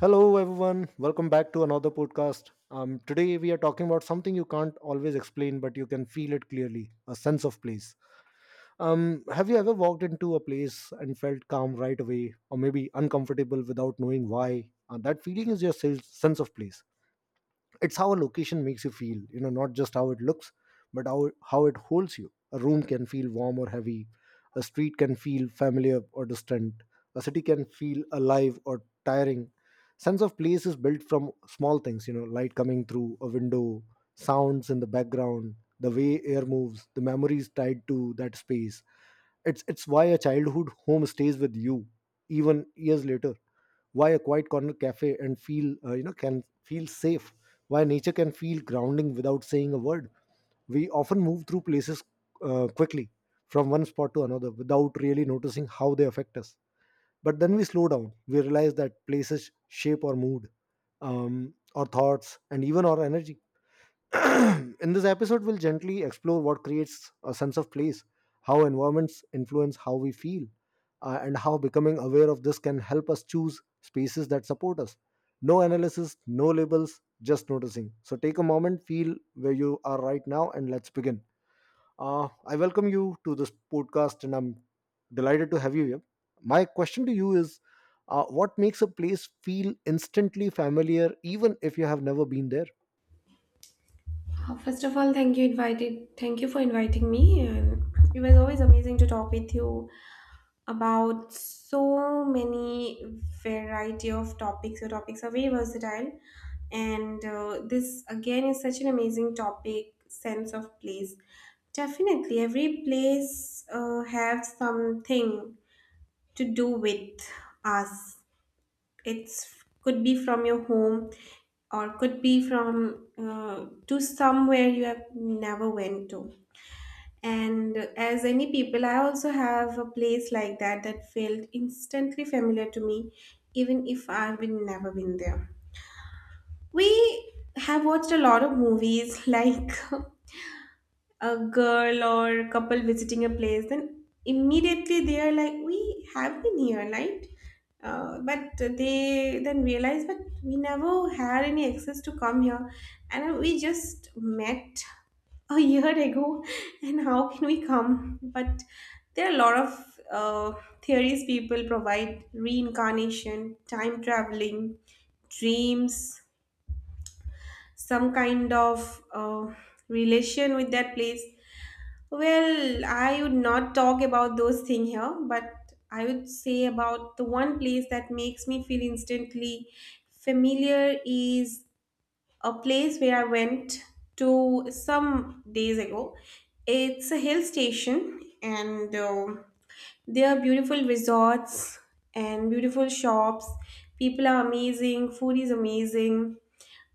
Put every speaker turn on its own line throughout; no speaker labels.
Hello, everyone. Welcome back to another podcast. Today, we are talking about something you can't always explain, but you can feel it clearly, a sense of place. Have you ever walked into a place and felt calm right away, or maybe uncomfortable without knowing why? That feeling is your sense of place. It's how a location makes you feel not just how it looks, but how it holds you. A room can feel warm or heavy, a street can feel familiar or distant, a city can feel alive or tiring. Sense of place is built from small things, light coming through a window, sounds in the background, the way air moves, the memories tied to that space. It's why a childhood home stays with you, even years later, why a quiet corner cafe and feel can feel safe, why nature can feel grounding without saying a word. We often move through places, quickly, from one spot to another without really noticing how they affect us. But then we slow down, we realize that places shape our mood, our thoughts, and even our energy. In this episode, we'll gently explore what creates a sense of place, how environments influence how we feel, and how becoming aware of this can help us choose spaces that support us. No analysis, no labels, just noticing. So take a moment, feel where you are right now, and let's begin. I welcome you to this podcast, and I'm delighted to have you here. My question to you is, what makes a place feel instantly familiar, even if you have never been there?
First of all, thank you invited. Thank you for inviting me, and it was always amazing to talk with you about so many variety of topics. Your topics are very versatile, and this again is such an amazing topic. Sense of place, definitely. Every place have something to do with us, it's could be from your home or could be from to somewhere you have never went to, and as any people, I also have a place like that that felt instantly familiar to me, even if I've been never been there. We have watched a lot of movies like a girl or couple visiting a place, then immediately they are like, we have been here, like but they then realized, but we never had any access to come here, and we just met a year ago and how can we come. But there are a lot of theories people provide: reincarnation, time traveling, dreams, some kind of relation with that place. Well, I would not talk about those things here, but I would say about the one place that makes me feel instantly familiar is a place where I went to some days ago. It's a hill station, and there are beautiful resorts and beautiful shops. People are amazing, food is amazing,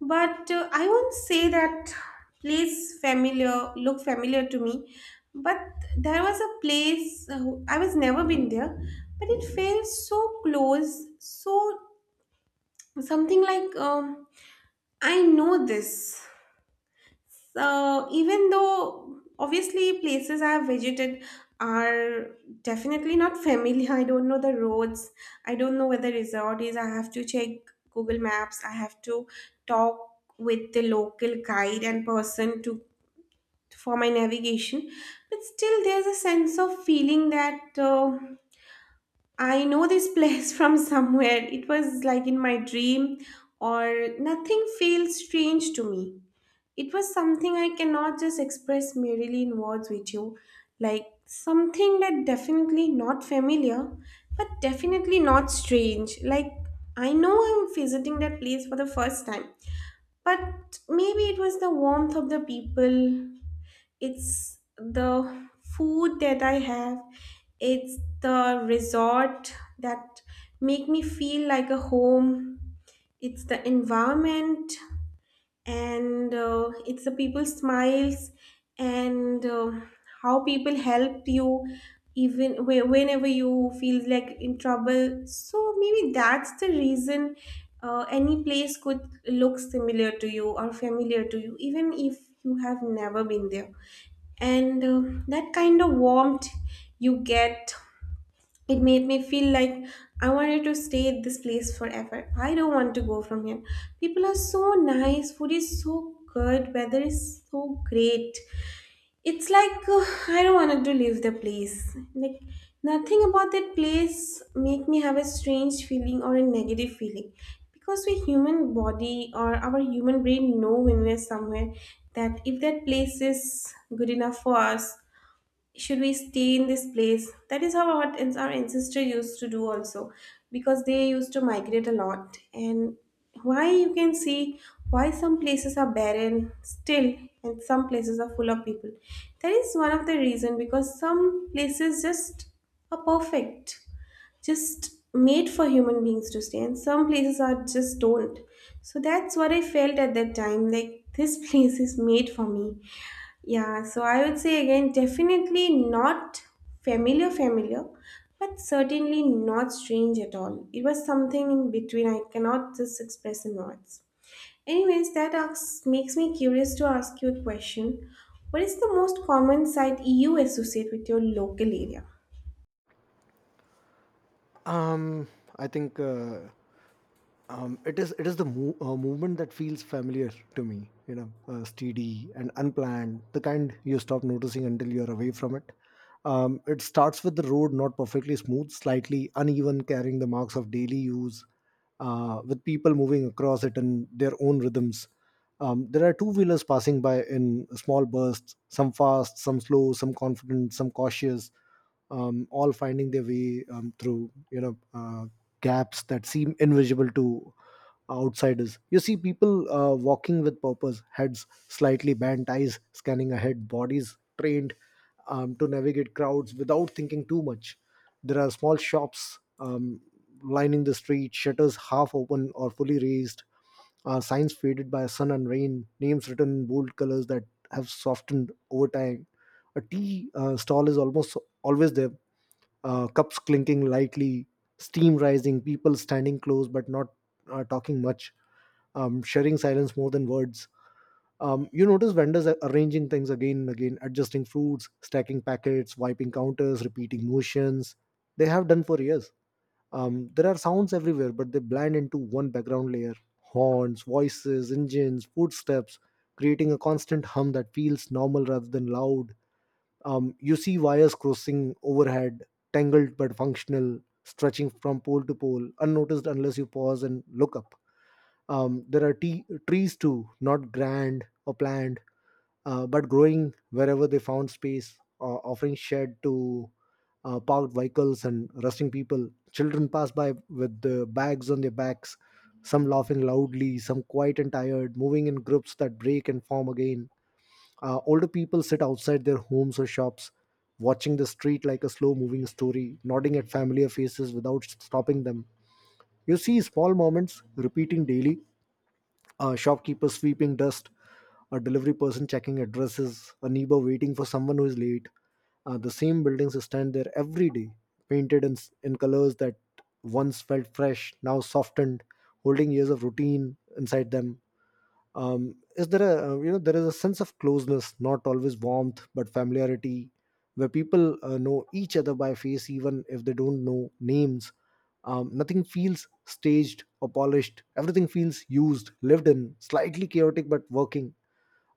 but I won't say that place familiar, look familiar to me, but there was a place, I was never been there, but it felt so close. So something like, I know this. So even though obviously places I have visited are definitely not familiar, I don't know the roads, I don't know where the resort is, I have to check Google Maps, I have to talk with the local guide and person to for my navigation. But still, there's a sense of feeling that I know this place from somewhere. It was like in my dream, or nothing feels strange to me. It was something I cannot just express merely in words with you, like something that definitely not familiar, but definitely not strange. Like I know I'm visiting that place for the first time, but maybe it was the warmth of the people, it's the food that I have, it's the resort that make me feel like a home, it's the environment, and it's the people's smiles, and how people help you even whenever you feel like in trouble. So maybe that's the reason any place could look similar to you or familiar to you, even if you have never been there. And that kind of warmth you get, it made me feel like I wanted to stay at this place forever. I don't want to go from here. People are so nice, food is so good, weather is so great. It's like I don't want to leave the place. Like nothing about that place make me have a strange feeling or a negative feeling. Because we human body or our human brain know when we're somewhere that if that place is good enough for us, should we stay in this place? That is how our ancestor used to do also, because they used to migrate a lot. And why you can see why some places are barren still, and some places are full of people. That is one of the reason, because some places just are perfect, just made for human beings to stay, and some places are just don't. So that's what I felt at that time. Like this place is made for me, yeah. So I would say again, definitely not familiar, familiar, but certainly not strange at all. It was something in between, I cannot just express in words. Anyways, that makes me curious to ask you a question. What is the most common site you associate with your local area?
Um, I think it is the movement that feels familiar to me. You know, steady and unplanned, the kind you stop noticing until you're away from it. It starts with the road, not perfectly smooth, slightly uneven, carrying the marks of daily use, with people moving across it in their own rhythms. There are two wheelers passing by in small bursts, some fast, some slow, some confident, some cautious, all finding their way through gaps that seem invisible to outsiders. You see people walking with purpose, heads slightly bent, eyes scanning ahead, bodies trained to navigate crowds without thinking too much. There are small shops lining the street, shutters half open or fully raised, signs faded by sun and rain, names written in bold colors that have softened over time. A tea stall is almost always there. Cups clinking lightly, steam rising, people standing close but not talking much, sharing silence more than words. You notice vendors are arranging things again and again, adjusting fruits, stacking packets, wiping counters, repeating motions. They have done for years. There are sounds everywhere, but they blend into one background layer, horns, voices, engines, footsteps, creating a constant hum that feels normal rather than loud. You see wires crossing overhead, tangled but functional, stretching from pole to pole, unnoticed unless you pause and look up. There are trees too, not grand or planned, but growing wherever they found space, offering shade to parked vehicles and resting people. Children pass by with the bags on their backs, some laughing loudly, some quiet and tired, moving in groups that break and form again. Older people sit outside their homes or shops, watching the street like a slow moving story, nodding at familiar faces without stopping them. You see small moments repeating daily, a shopkeeper sweeping dust, a delivery person checking addresses, a neighbor waiting for someone who is late. The same buildings stand there every day, painted in colors that once felt fresh, now softened, holding years of routine inside them. Is there a you know There is a sense of closeness, not always warmth but familiarity, where people know each other by face even if they don't know names. Nothing feels staged or polished, everything feels used, lived in, slightly chaotic but working.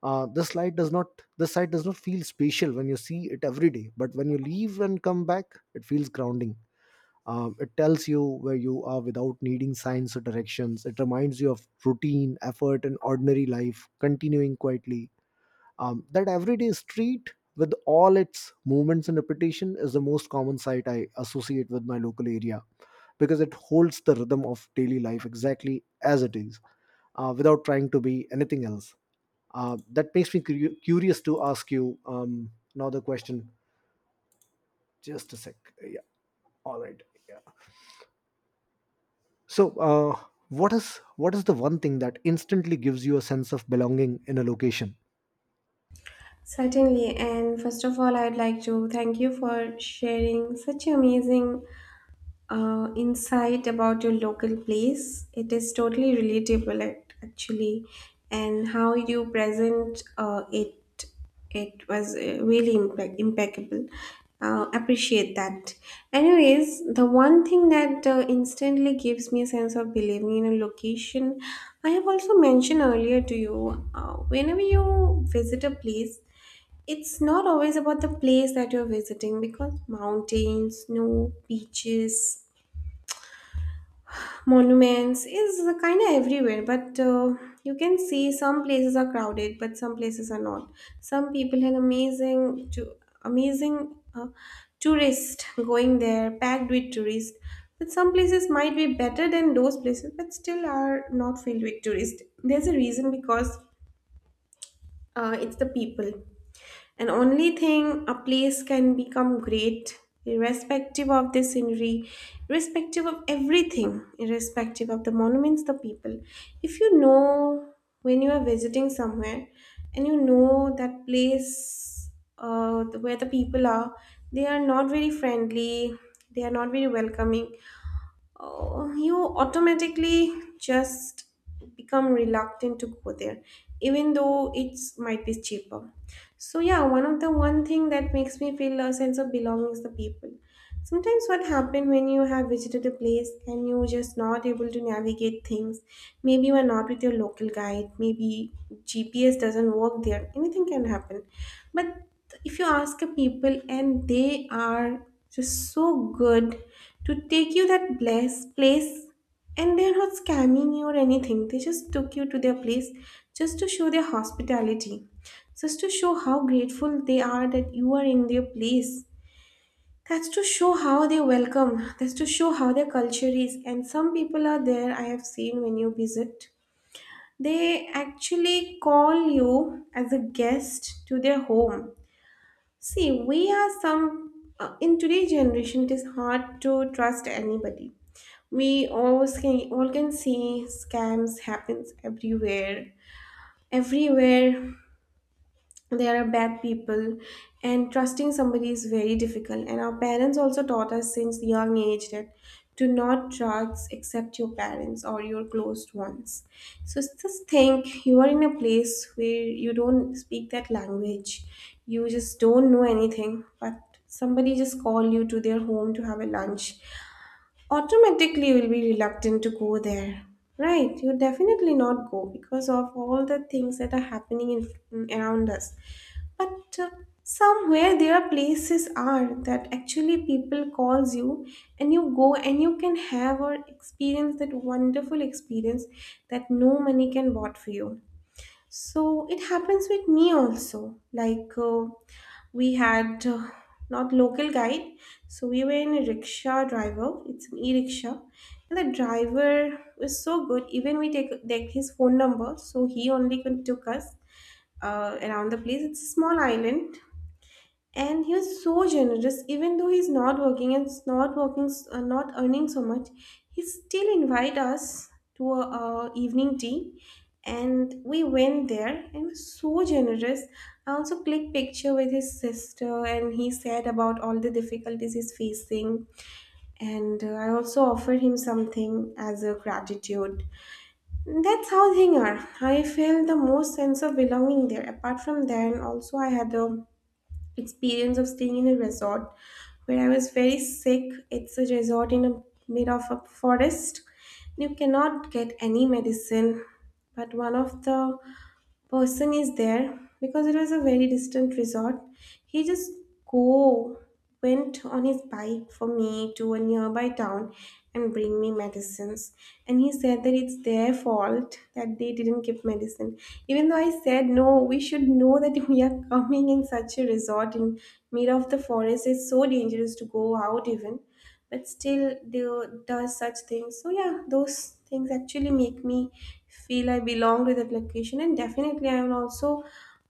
uh, this light does not this site does not feel spatial when you see it every day, but when you leave and come back it feels grounding. It tells you where you are without needing signs or directions. It reminds you of routine, effort, and ordinary life continuing quietly. That everyday street with all its movements and repetition is the most common sight I associate with my local area, because it holds the rhythm of daily life exactly as it is, without trying to be anything else. That makes me curious to ask you another question. Just a sec. Yeah. All right. Yeah. So, what is the one thing that instantly gives you a sense of belonging in a location?
Certainly, and first of all, I'd like to thank you for sharing such amazing insight about your local place. It is totally relatable, actually, and how you present it. It was really impeccable. Appreciate that. Anyways, the one thing that instantly gives me a sense of believing in a location, I have also mentioned earlier to you. Whenever you visit a place, it's not always about the place that you're visiting, because mountains, snow, beaches, monuments is kind of everywhere, but you can see some places are crowded, but some places are not. Some people had amazing tourists going there, packed with tourists. But some places might be better than those places, but still are not filled with tourists. There's a reason, because it's the people. And only thing a place can become great, irrespective of the scenery, irrespective of everything, irrespective of the monuments, the people. If you know when you are visiting somewhere, and you know that place where the people are, they are not very friendly, they are not very welcoming, oh, you automatically just become reluctant to go there, even though it's might be cheaper. So yeah, one of the one thing that makes me feel a sense of belonging is the people. Sometimes what happen when you have visited a place and you just not able to navigate things, maybe you are not with your local guide, maybe GPS doesn't work there, anything can happen. But if you ask a people and they are just so good to take you that bless place, and they're not scamming you or anything. They just took you to their place just to show their hospitality. Just to show how grateful they are that you are in their place. That's to show how they welcome. That's to show how their culture is. And some people are there, I have seen, when you visit. They actually call you as a guest to their home. See, we are some in today's generation. It is hard to trust anybody. We always can all can see scams happens everywhere. Everywhere there are bad people, and trusting somebody is very difficult, and our parents also taught us since young age that to not trust except your parents or your closed ones. So just think, you are in a place where you don't speak that language, you just don't know anything, but somebody just call you to their home to have a lunch. Automatically you will be reluctant to go there, right? You definitely not go because of all the things that are happening in, around us. But somewhere there are places are that actually people calls you, and you go, and you can have or experience that wonderful experience that no money can bought for you. So it happens with me also, like we had not local guide, so we were in a rickshaw driver, it's an e-rickshaw, and the driver was so good, even we take his phone number, so he only could took us around the place. It's a small island, and he was so generous. Even though he's not working and not working, not earning so much, he still invite us to a evening tea, and we went there. And he was so generous. I also clicked picture with his sister, and he said about all the difficulties he's facing. And I also offered him something as a gratitude. That's how things are. I felt the most sense of belonging there. Apart from that, also I had the experience of staying in a resort where I was very sick. It's a resort in a mid of a forest. You cannot get any medicine, but one of the person is there, because it was a very distant resort, he just go went on his bike for me to a nearby town and bring me medicines. And he said that it's their fault that they didn't give medicine, even though I said no, we should know that we are coming in such a resort in mid of the forest, it's so dangerous to go out even. But still they does such things. So yeah, those things actually make me feel I belong to that location, and definitely I will also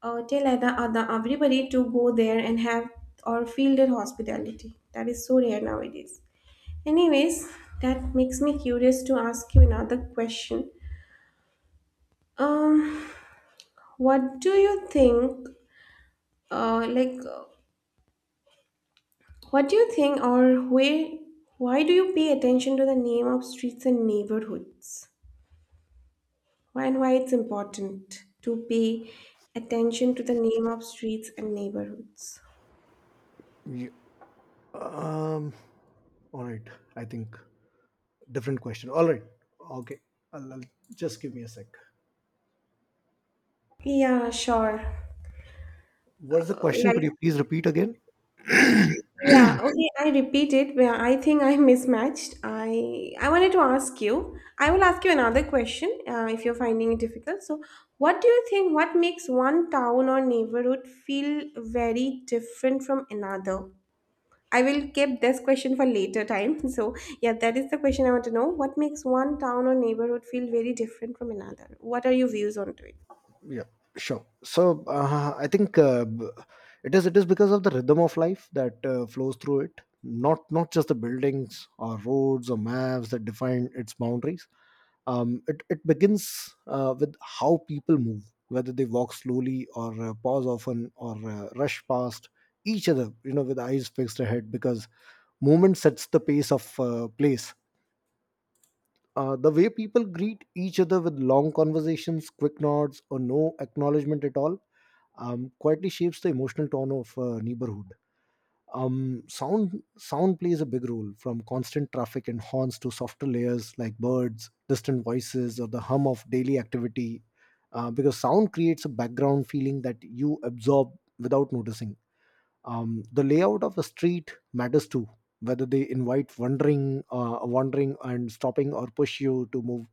tell other everybody to go there and have or feel their hospitality that is so rare nowadays. Anyways, that makes me curious to ask you another question. Um what do you think, uh like uh, or where why do you pay attention to the name of streets and neighborhoods, and why it's important to pay attention to the name of streets and neighborhoods?
Ye- Um. All right. I think different question. All right. Okay. I'll, I'll- just give me a sec.
Yeah, sure.
What's the question?
Like,
Could you please repeat again?
yeah, okay, I repeat it, but I think I mismatched. I wanted to ask you. I will ask you another question if you're finding it difficult. So, what do you think? What makes one town or neighborhood feel very different from another? I will keep this question for later time. So, yeah, that is the question I want to know. What makes one town or neighborhood feel very different from another? What are your views on to it?
Yeah, sure. So, I think it is because of the rhythm of life that flows through it, not just the buildings or roads or maps that define its boundaries. It begins, with how people move, whether they walk slowly or pause often or rush past each other, you know, with eyes fixed ahead, because movement sets the pace of place. The way people greet each other with long conversations, quick nods, or no acknowledgement at all, quietly shapes the emotional tone of a neighborhood. Sound plays a big role, from constant traffic and horns to softer layers like birds, distant voices, or the hum of daily activity. Because sound creates a background feeling that you absorb without noticing. The layout of a street matters too, whether they invite wandering, and stopping, or push you to move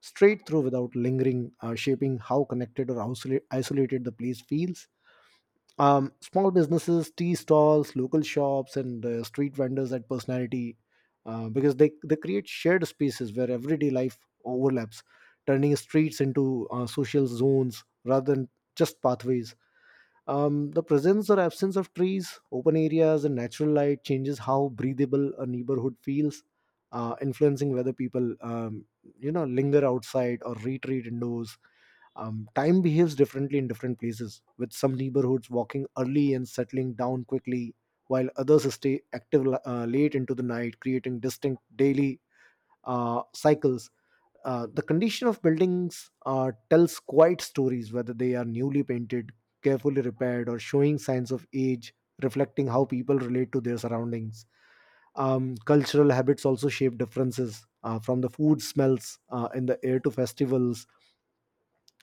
straight through without lingering, shaping how connected or isolated the place feels. Small businesses, tea stalls, local shops, and street vendors had personality, because they create shared spaces where everyday life overlaps, turning streets into social zones rather than just pathways. The presence or absence of trees, open areas, and natural light changes how breathable a neighborhood feels, influencing whether people, you know, linger outside or retreat indoors. Time behaves differently in different places, with some neighborhoods walking early and settling down quickly, while others stay active late into the night, creating distinct daily cycles. The condition of buildings tells quite stories, whether they are newly painted, carefully repaired, or showing signs of age, reflecting how people relate to their surroundings. Cultural habits also shape differences, from the food smells in the air to festivals,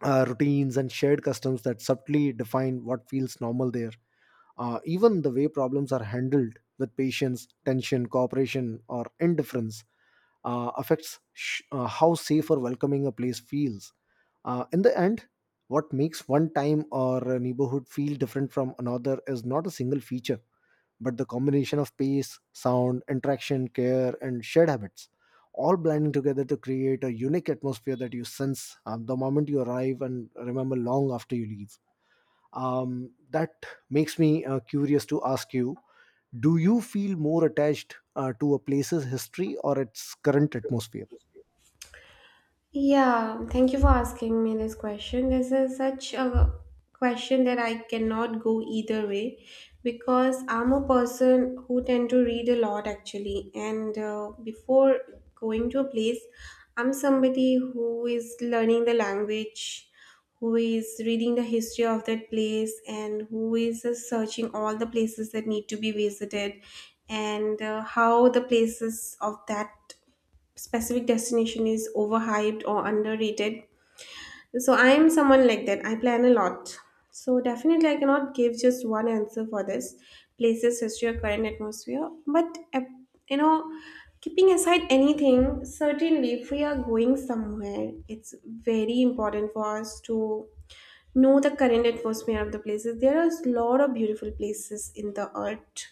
routines and shared customs that subtly define what feels normal there. Even the way problems are handled, with patience, tension, cooperation, or indifference, affects how safe or welcoming a place feels. In the end, what makes one time or a neighborhood feel different from another is not a single feature, but the combination of pace, sound, interaction, care, and shared habits all blending together to create a unique atmosphere that you sense the moment you arrive and remember long after you leave. That makes me curious to ask you, do you feel more attached to a place's history or its current atmosphere?
Yeah, thank you for asking me this question. This is such a question that I cannot go either way because I'm a person who tend to read a lot actually. And before going to a place, I'm somebody who is learning the language, who is reading the history of that place, and who is searching all the places that need to be visited and how the places of that specific destination is overhyped or underrated. So I am someone like that. I plan a lot. So definitely I cannot give just one answer for this. Places, history, or current atmosphere. But you know, keeping aside anything, certainly if we are going somewhere, it's very important for us to know the current atmosphere of the places. There are a lot of beautiful places in the earth,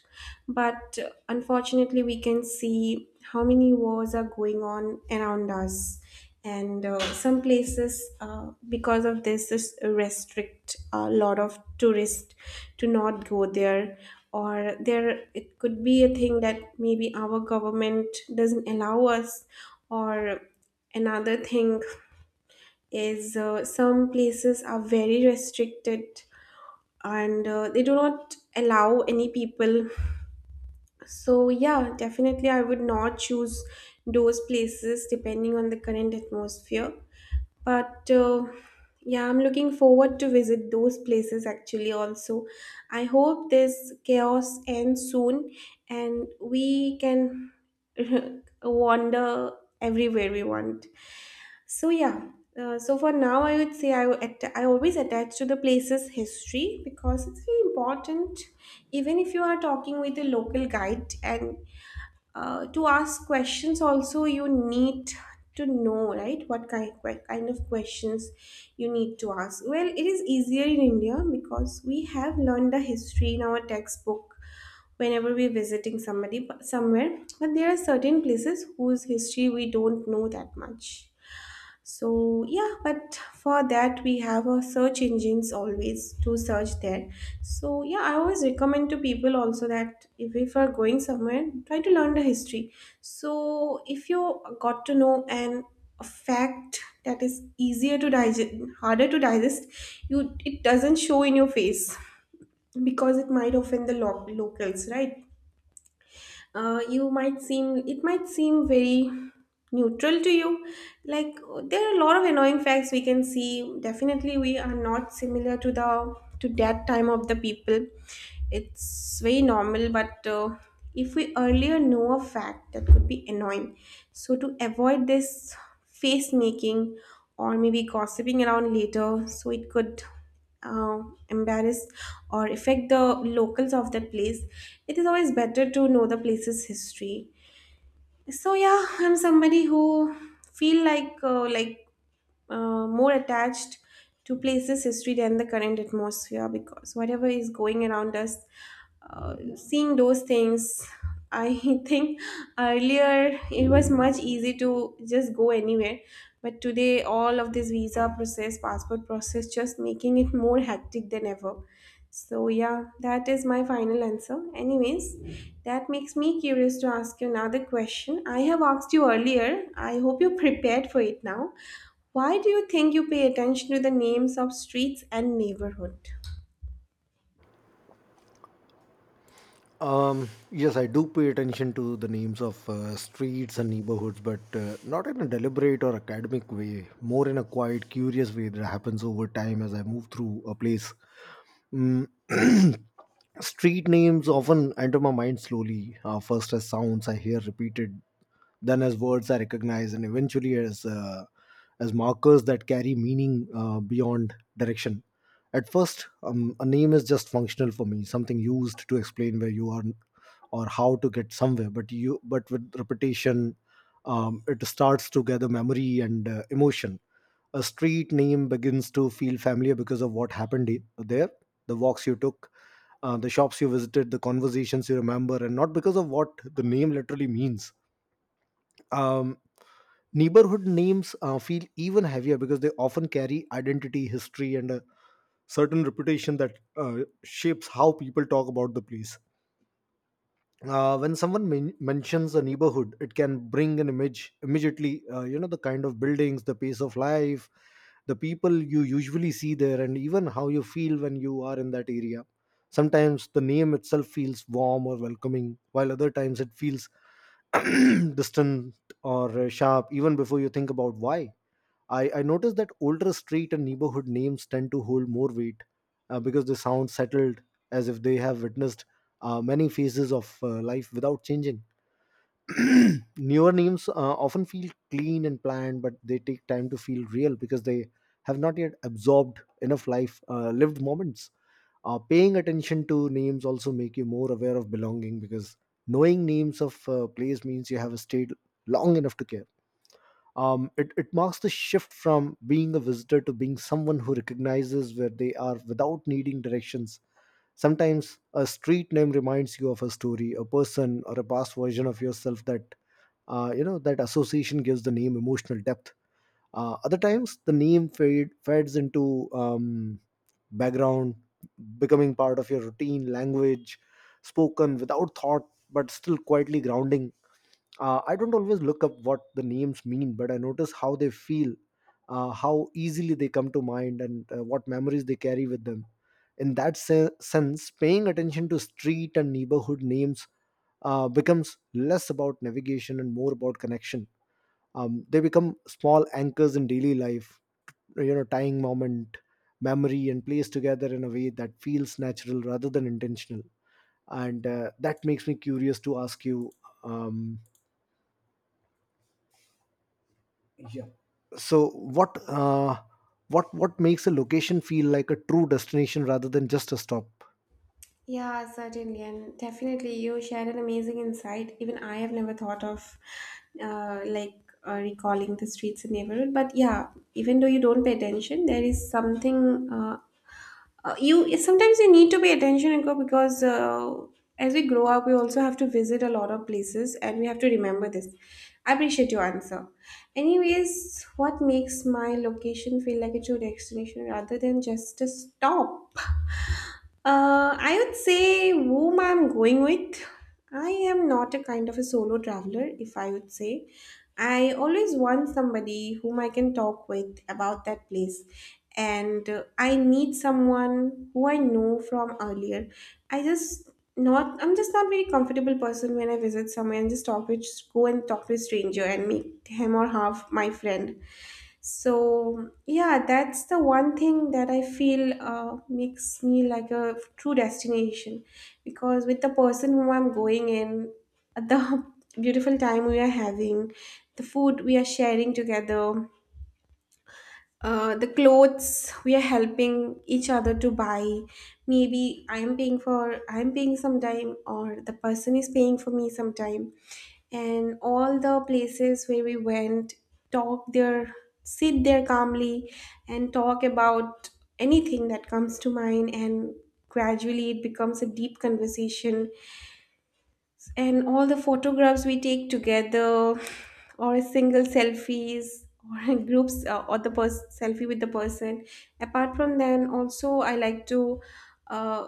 but unfortunately we can see how many wars are going on around us, and some places, because of this, is restrict a lot of tourists to not go there, or there it could be a thing that maybe our government doesn't allow us, or another thing is, some places are very restricted, and they do not allow any people. So yeah, definitely I would not choose those places depending on the current atmosphere, but yeah, I'm looking forward to visit those places actually. Also, I hope this chaos ends soon and we can wander everywhere we want. So yeah, so for now I would say I would I always attach to the place's history because it's very important. Even if you are talking with a local guide and to ask questions, also you need to know, right, what kind of questions you need to ask. Well, it is easier in India because we have learned the history in our textbook whenever we're visiting somebody somewhere, but there are certain places whose history we don't know that much. So yeah, but for that we have a search engines always to search there. So yeah, I always recommend to people also that if you are going somewhere, try to learn the history. So if you got to know an a fact that is easier to digest, harder to digest, you it doesn't show in your face because it might offend the locals, right? You might seem, it might seem very neutral to you, like, there are a lot of annoying facts we can see. Definitely we are not similar to the to that time of the people. It's very normal, but if we earlier know a fact that could be annoying, so to avoid this face making or maybe gossiping around later, so it could uh, embarrass or affect the locals of that place, it is always better to know the place's history. So yeah, I'm somebody who feel like more attached to places history than the current atmosphere, because whatever is going around us, seeing those things, I think earlier it was much easy to just go anywhere, but today, all of this visa process, passport process, just making it more hectic than ever. So, yeah, that is my final answer. Anyways, that makes me curious to ask you another question. I have asked you earlier. I hope you're prepared for it now. Why do you think you pay attention to the names of streets and neighborhood?
Yes, I do pay attention to the names of streets and neighborhoods, but not in a deliberate or academic way, more in a quiet, curious way that happens over time as I move through a place. Mm. Street names often enter my mind slowly, first as sounds I hear repeated, then as words are recognized, and eventually as markers that carry meaning beyond direction. At first, a name is just functional for me, something used to explain where you are or how to get somewhere. But you but with repetition, it starts to gather memory and emotion. A street name begins to feel familiar because of what happened there, the walks you took, the shops you visited, the conversations you remember, and not because of what the name literally means. um, Neighborhood names feel even heavier because they often carry identity, history, and a certain reputation that shapes how people talk about the place. When someone mentions a neighborhood, it can bring an image immediately, you know, the kind of buildings, the pace of life, the people you usually see there, and even how you feel when you are in that area. Sometimes the name itself feels warm or welcoming, while other times it feels distant or sharp, even before you think about why. I noticed that older street and neighborhood names tend to hold more weight, because they sound settled, as if they have witnessed many phases of life without changing. Newer names often feel clean and planned, but they take time to feel real because they have not yet absorbed enough life lived moments. Paying attention to names also make you more aware of belonging, because knowing names of place means you have stayed long enough to care. It marks the shift from being a visitor to being someone who recognizes where they are without needing directions. Sometimes a street name reminds you of a story, a person, or a past version of yourself that, you know, that association gives the name emotional depth. Other times, the fades into background, becoming part of your routine language, spoken without thought, but still quietly grounding. I don't always look up what the names mean, but I notice how they feel, how easily they come to mind, and what memories they carry with them. In that sense, paying attention to street and neighborhood names becomes less about navigation and more about connection. They become small anchors in daily life, you know, tying moment, memory, and place together in a way that feels natural rather than intentional. And that makes me curious to ask you, um, so what makes a location feel like a true destination rather than just a stop?
Yeah, certainly, and definitely, you shared an amazing insight. Even I have never thought of, like recalling the streets and neighborhood. But yeah, even though you don't pay attention, there is something. You sometimes you need to pay attention and go because as we grow up, we also have to visit a lot of places, and we have to remember this. I appreciate your answer. Anyways, what makes my location feel like a true destination rather than just a stop? I would say whom I'm going with. I am not a kind of a solo traveler, if I would say. I always want somebody whom I can talk with about that place. And I need someone who I know from earlier. I just not, I'm just not very comfortable person when I visit somewhere and just talk with go and talk to a stranger and make him or half my friend. So yeah, that's the one thing that I feel makes me like a true destination, because with the person whom I'm going in, the beautiful time we are having, the food we are sharing together, the clothes we are helping each other to buy, maybe I'm paying sometime or the person is paying for me sometime, and all the places where we went, talk there, sit there calmly and talk about anything that comes to mind, and gradually it becomes a deep conversation, and all the photographs we take together, or a single selfies, or groups or the selfie with the person. Apart from then also I like to uh,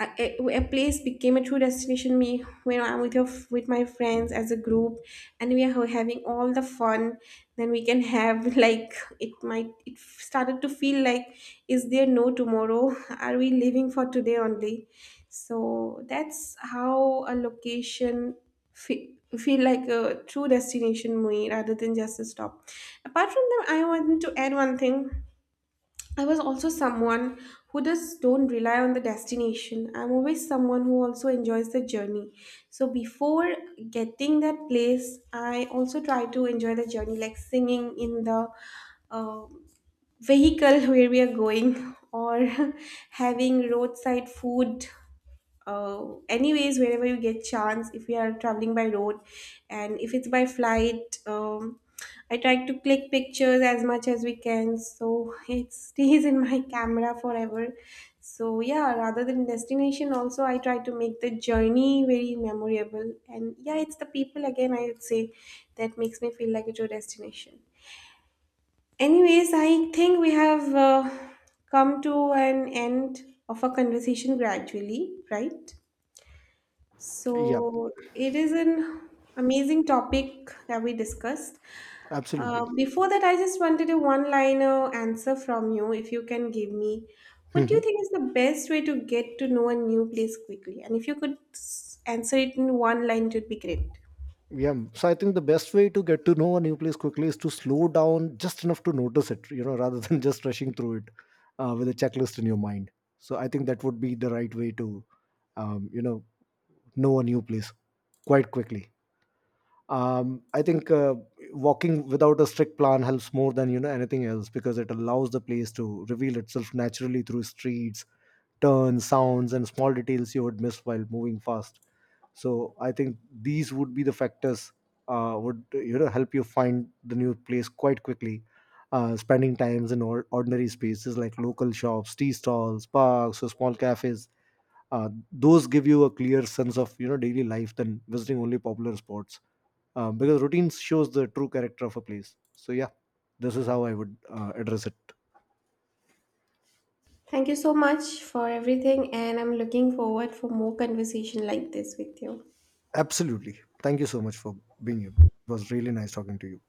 a place became a true destination me when I'm with your with my friends as a group and we are having all the fun then we can have, like, it might it started to feel like, is there no tomorrow? Are we living for today only? So that's how a location feel like a true destination me rather than just a stop. Apart from them, I want to add one thing. I was also someone who just don't rely on the destination. I'm always someone who also enjoys the journey. So before getting that place, I also try to enjoy the journey, like singing in the uh, vehicle where we are going, or having roadside food. Anyways, wherever you get chance, if you are traveling by road, and if it's by flight, I try to click pictures as much as we can, so it stays in my camera forever. So yeah, rather than destination also, I try to make the journey very memorable, and yeah, it's the people again I would say that makes me feel like it's your destination. Anyways, I think we have come to an end of our conversation gradually, right?
Yeah.
So it is an amazing topic that we discussed.
Absolutely.
Before that, I just wanted a one-liner answer from you, if you can give me. What do you
Mhm.
think is the best way to get to know a new place quickly? And if you could answer it in one line, it would be great.
Yeah, so I think the best way to get to know a new place quickly is to slow down just enough to notice it, rather than just rushing through it with a checklist in your mind. So I think that would be the right way to um, you know know a new place quite quickly. I think Walking without a strict plan helps more than anything else, because it allows the place to reveal itself naturally through streets, turns, sounds, and small details you would miss while moving fast. So I think these would be the factors would you know help you find the new place quite quickly. Spending times in ordinary spaces like local shops, tea stalls, parks, or small cafes. Those give you a clear sense of, you know, daily life, than visiting only popular spots, because routines shows the true character of a place. So yeah, this is how I would address it.
Thank you so much for everything, and I'm looking forward for more conversation like this with you.
Absolutely. Thank you so much for being here. It was really nice talking to you.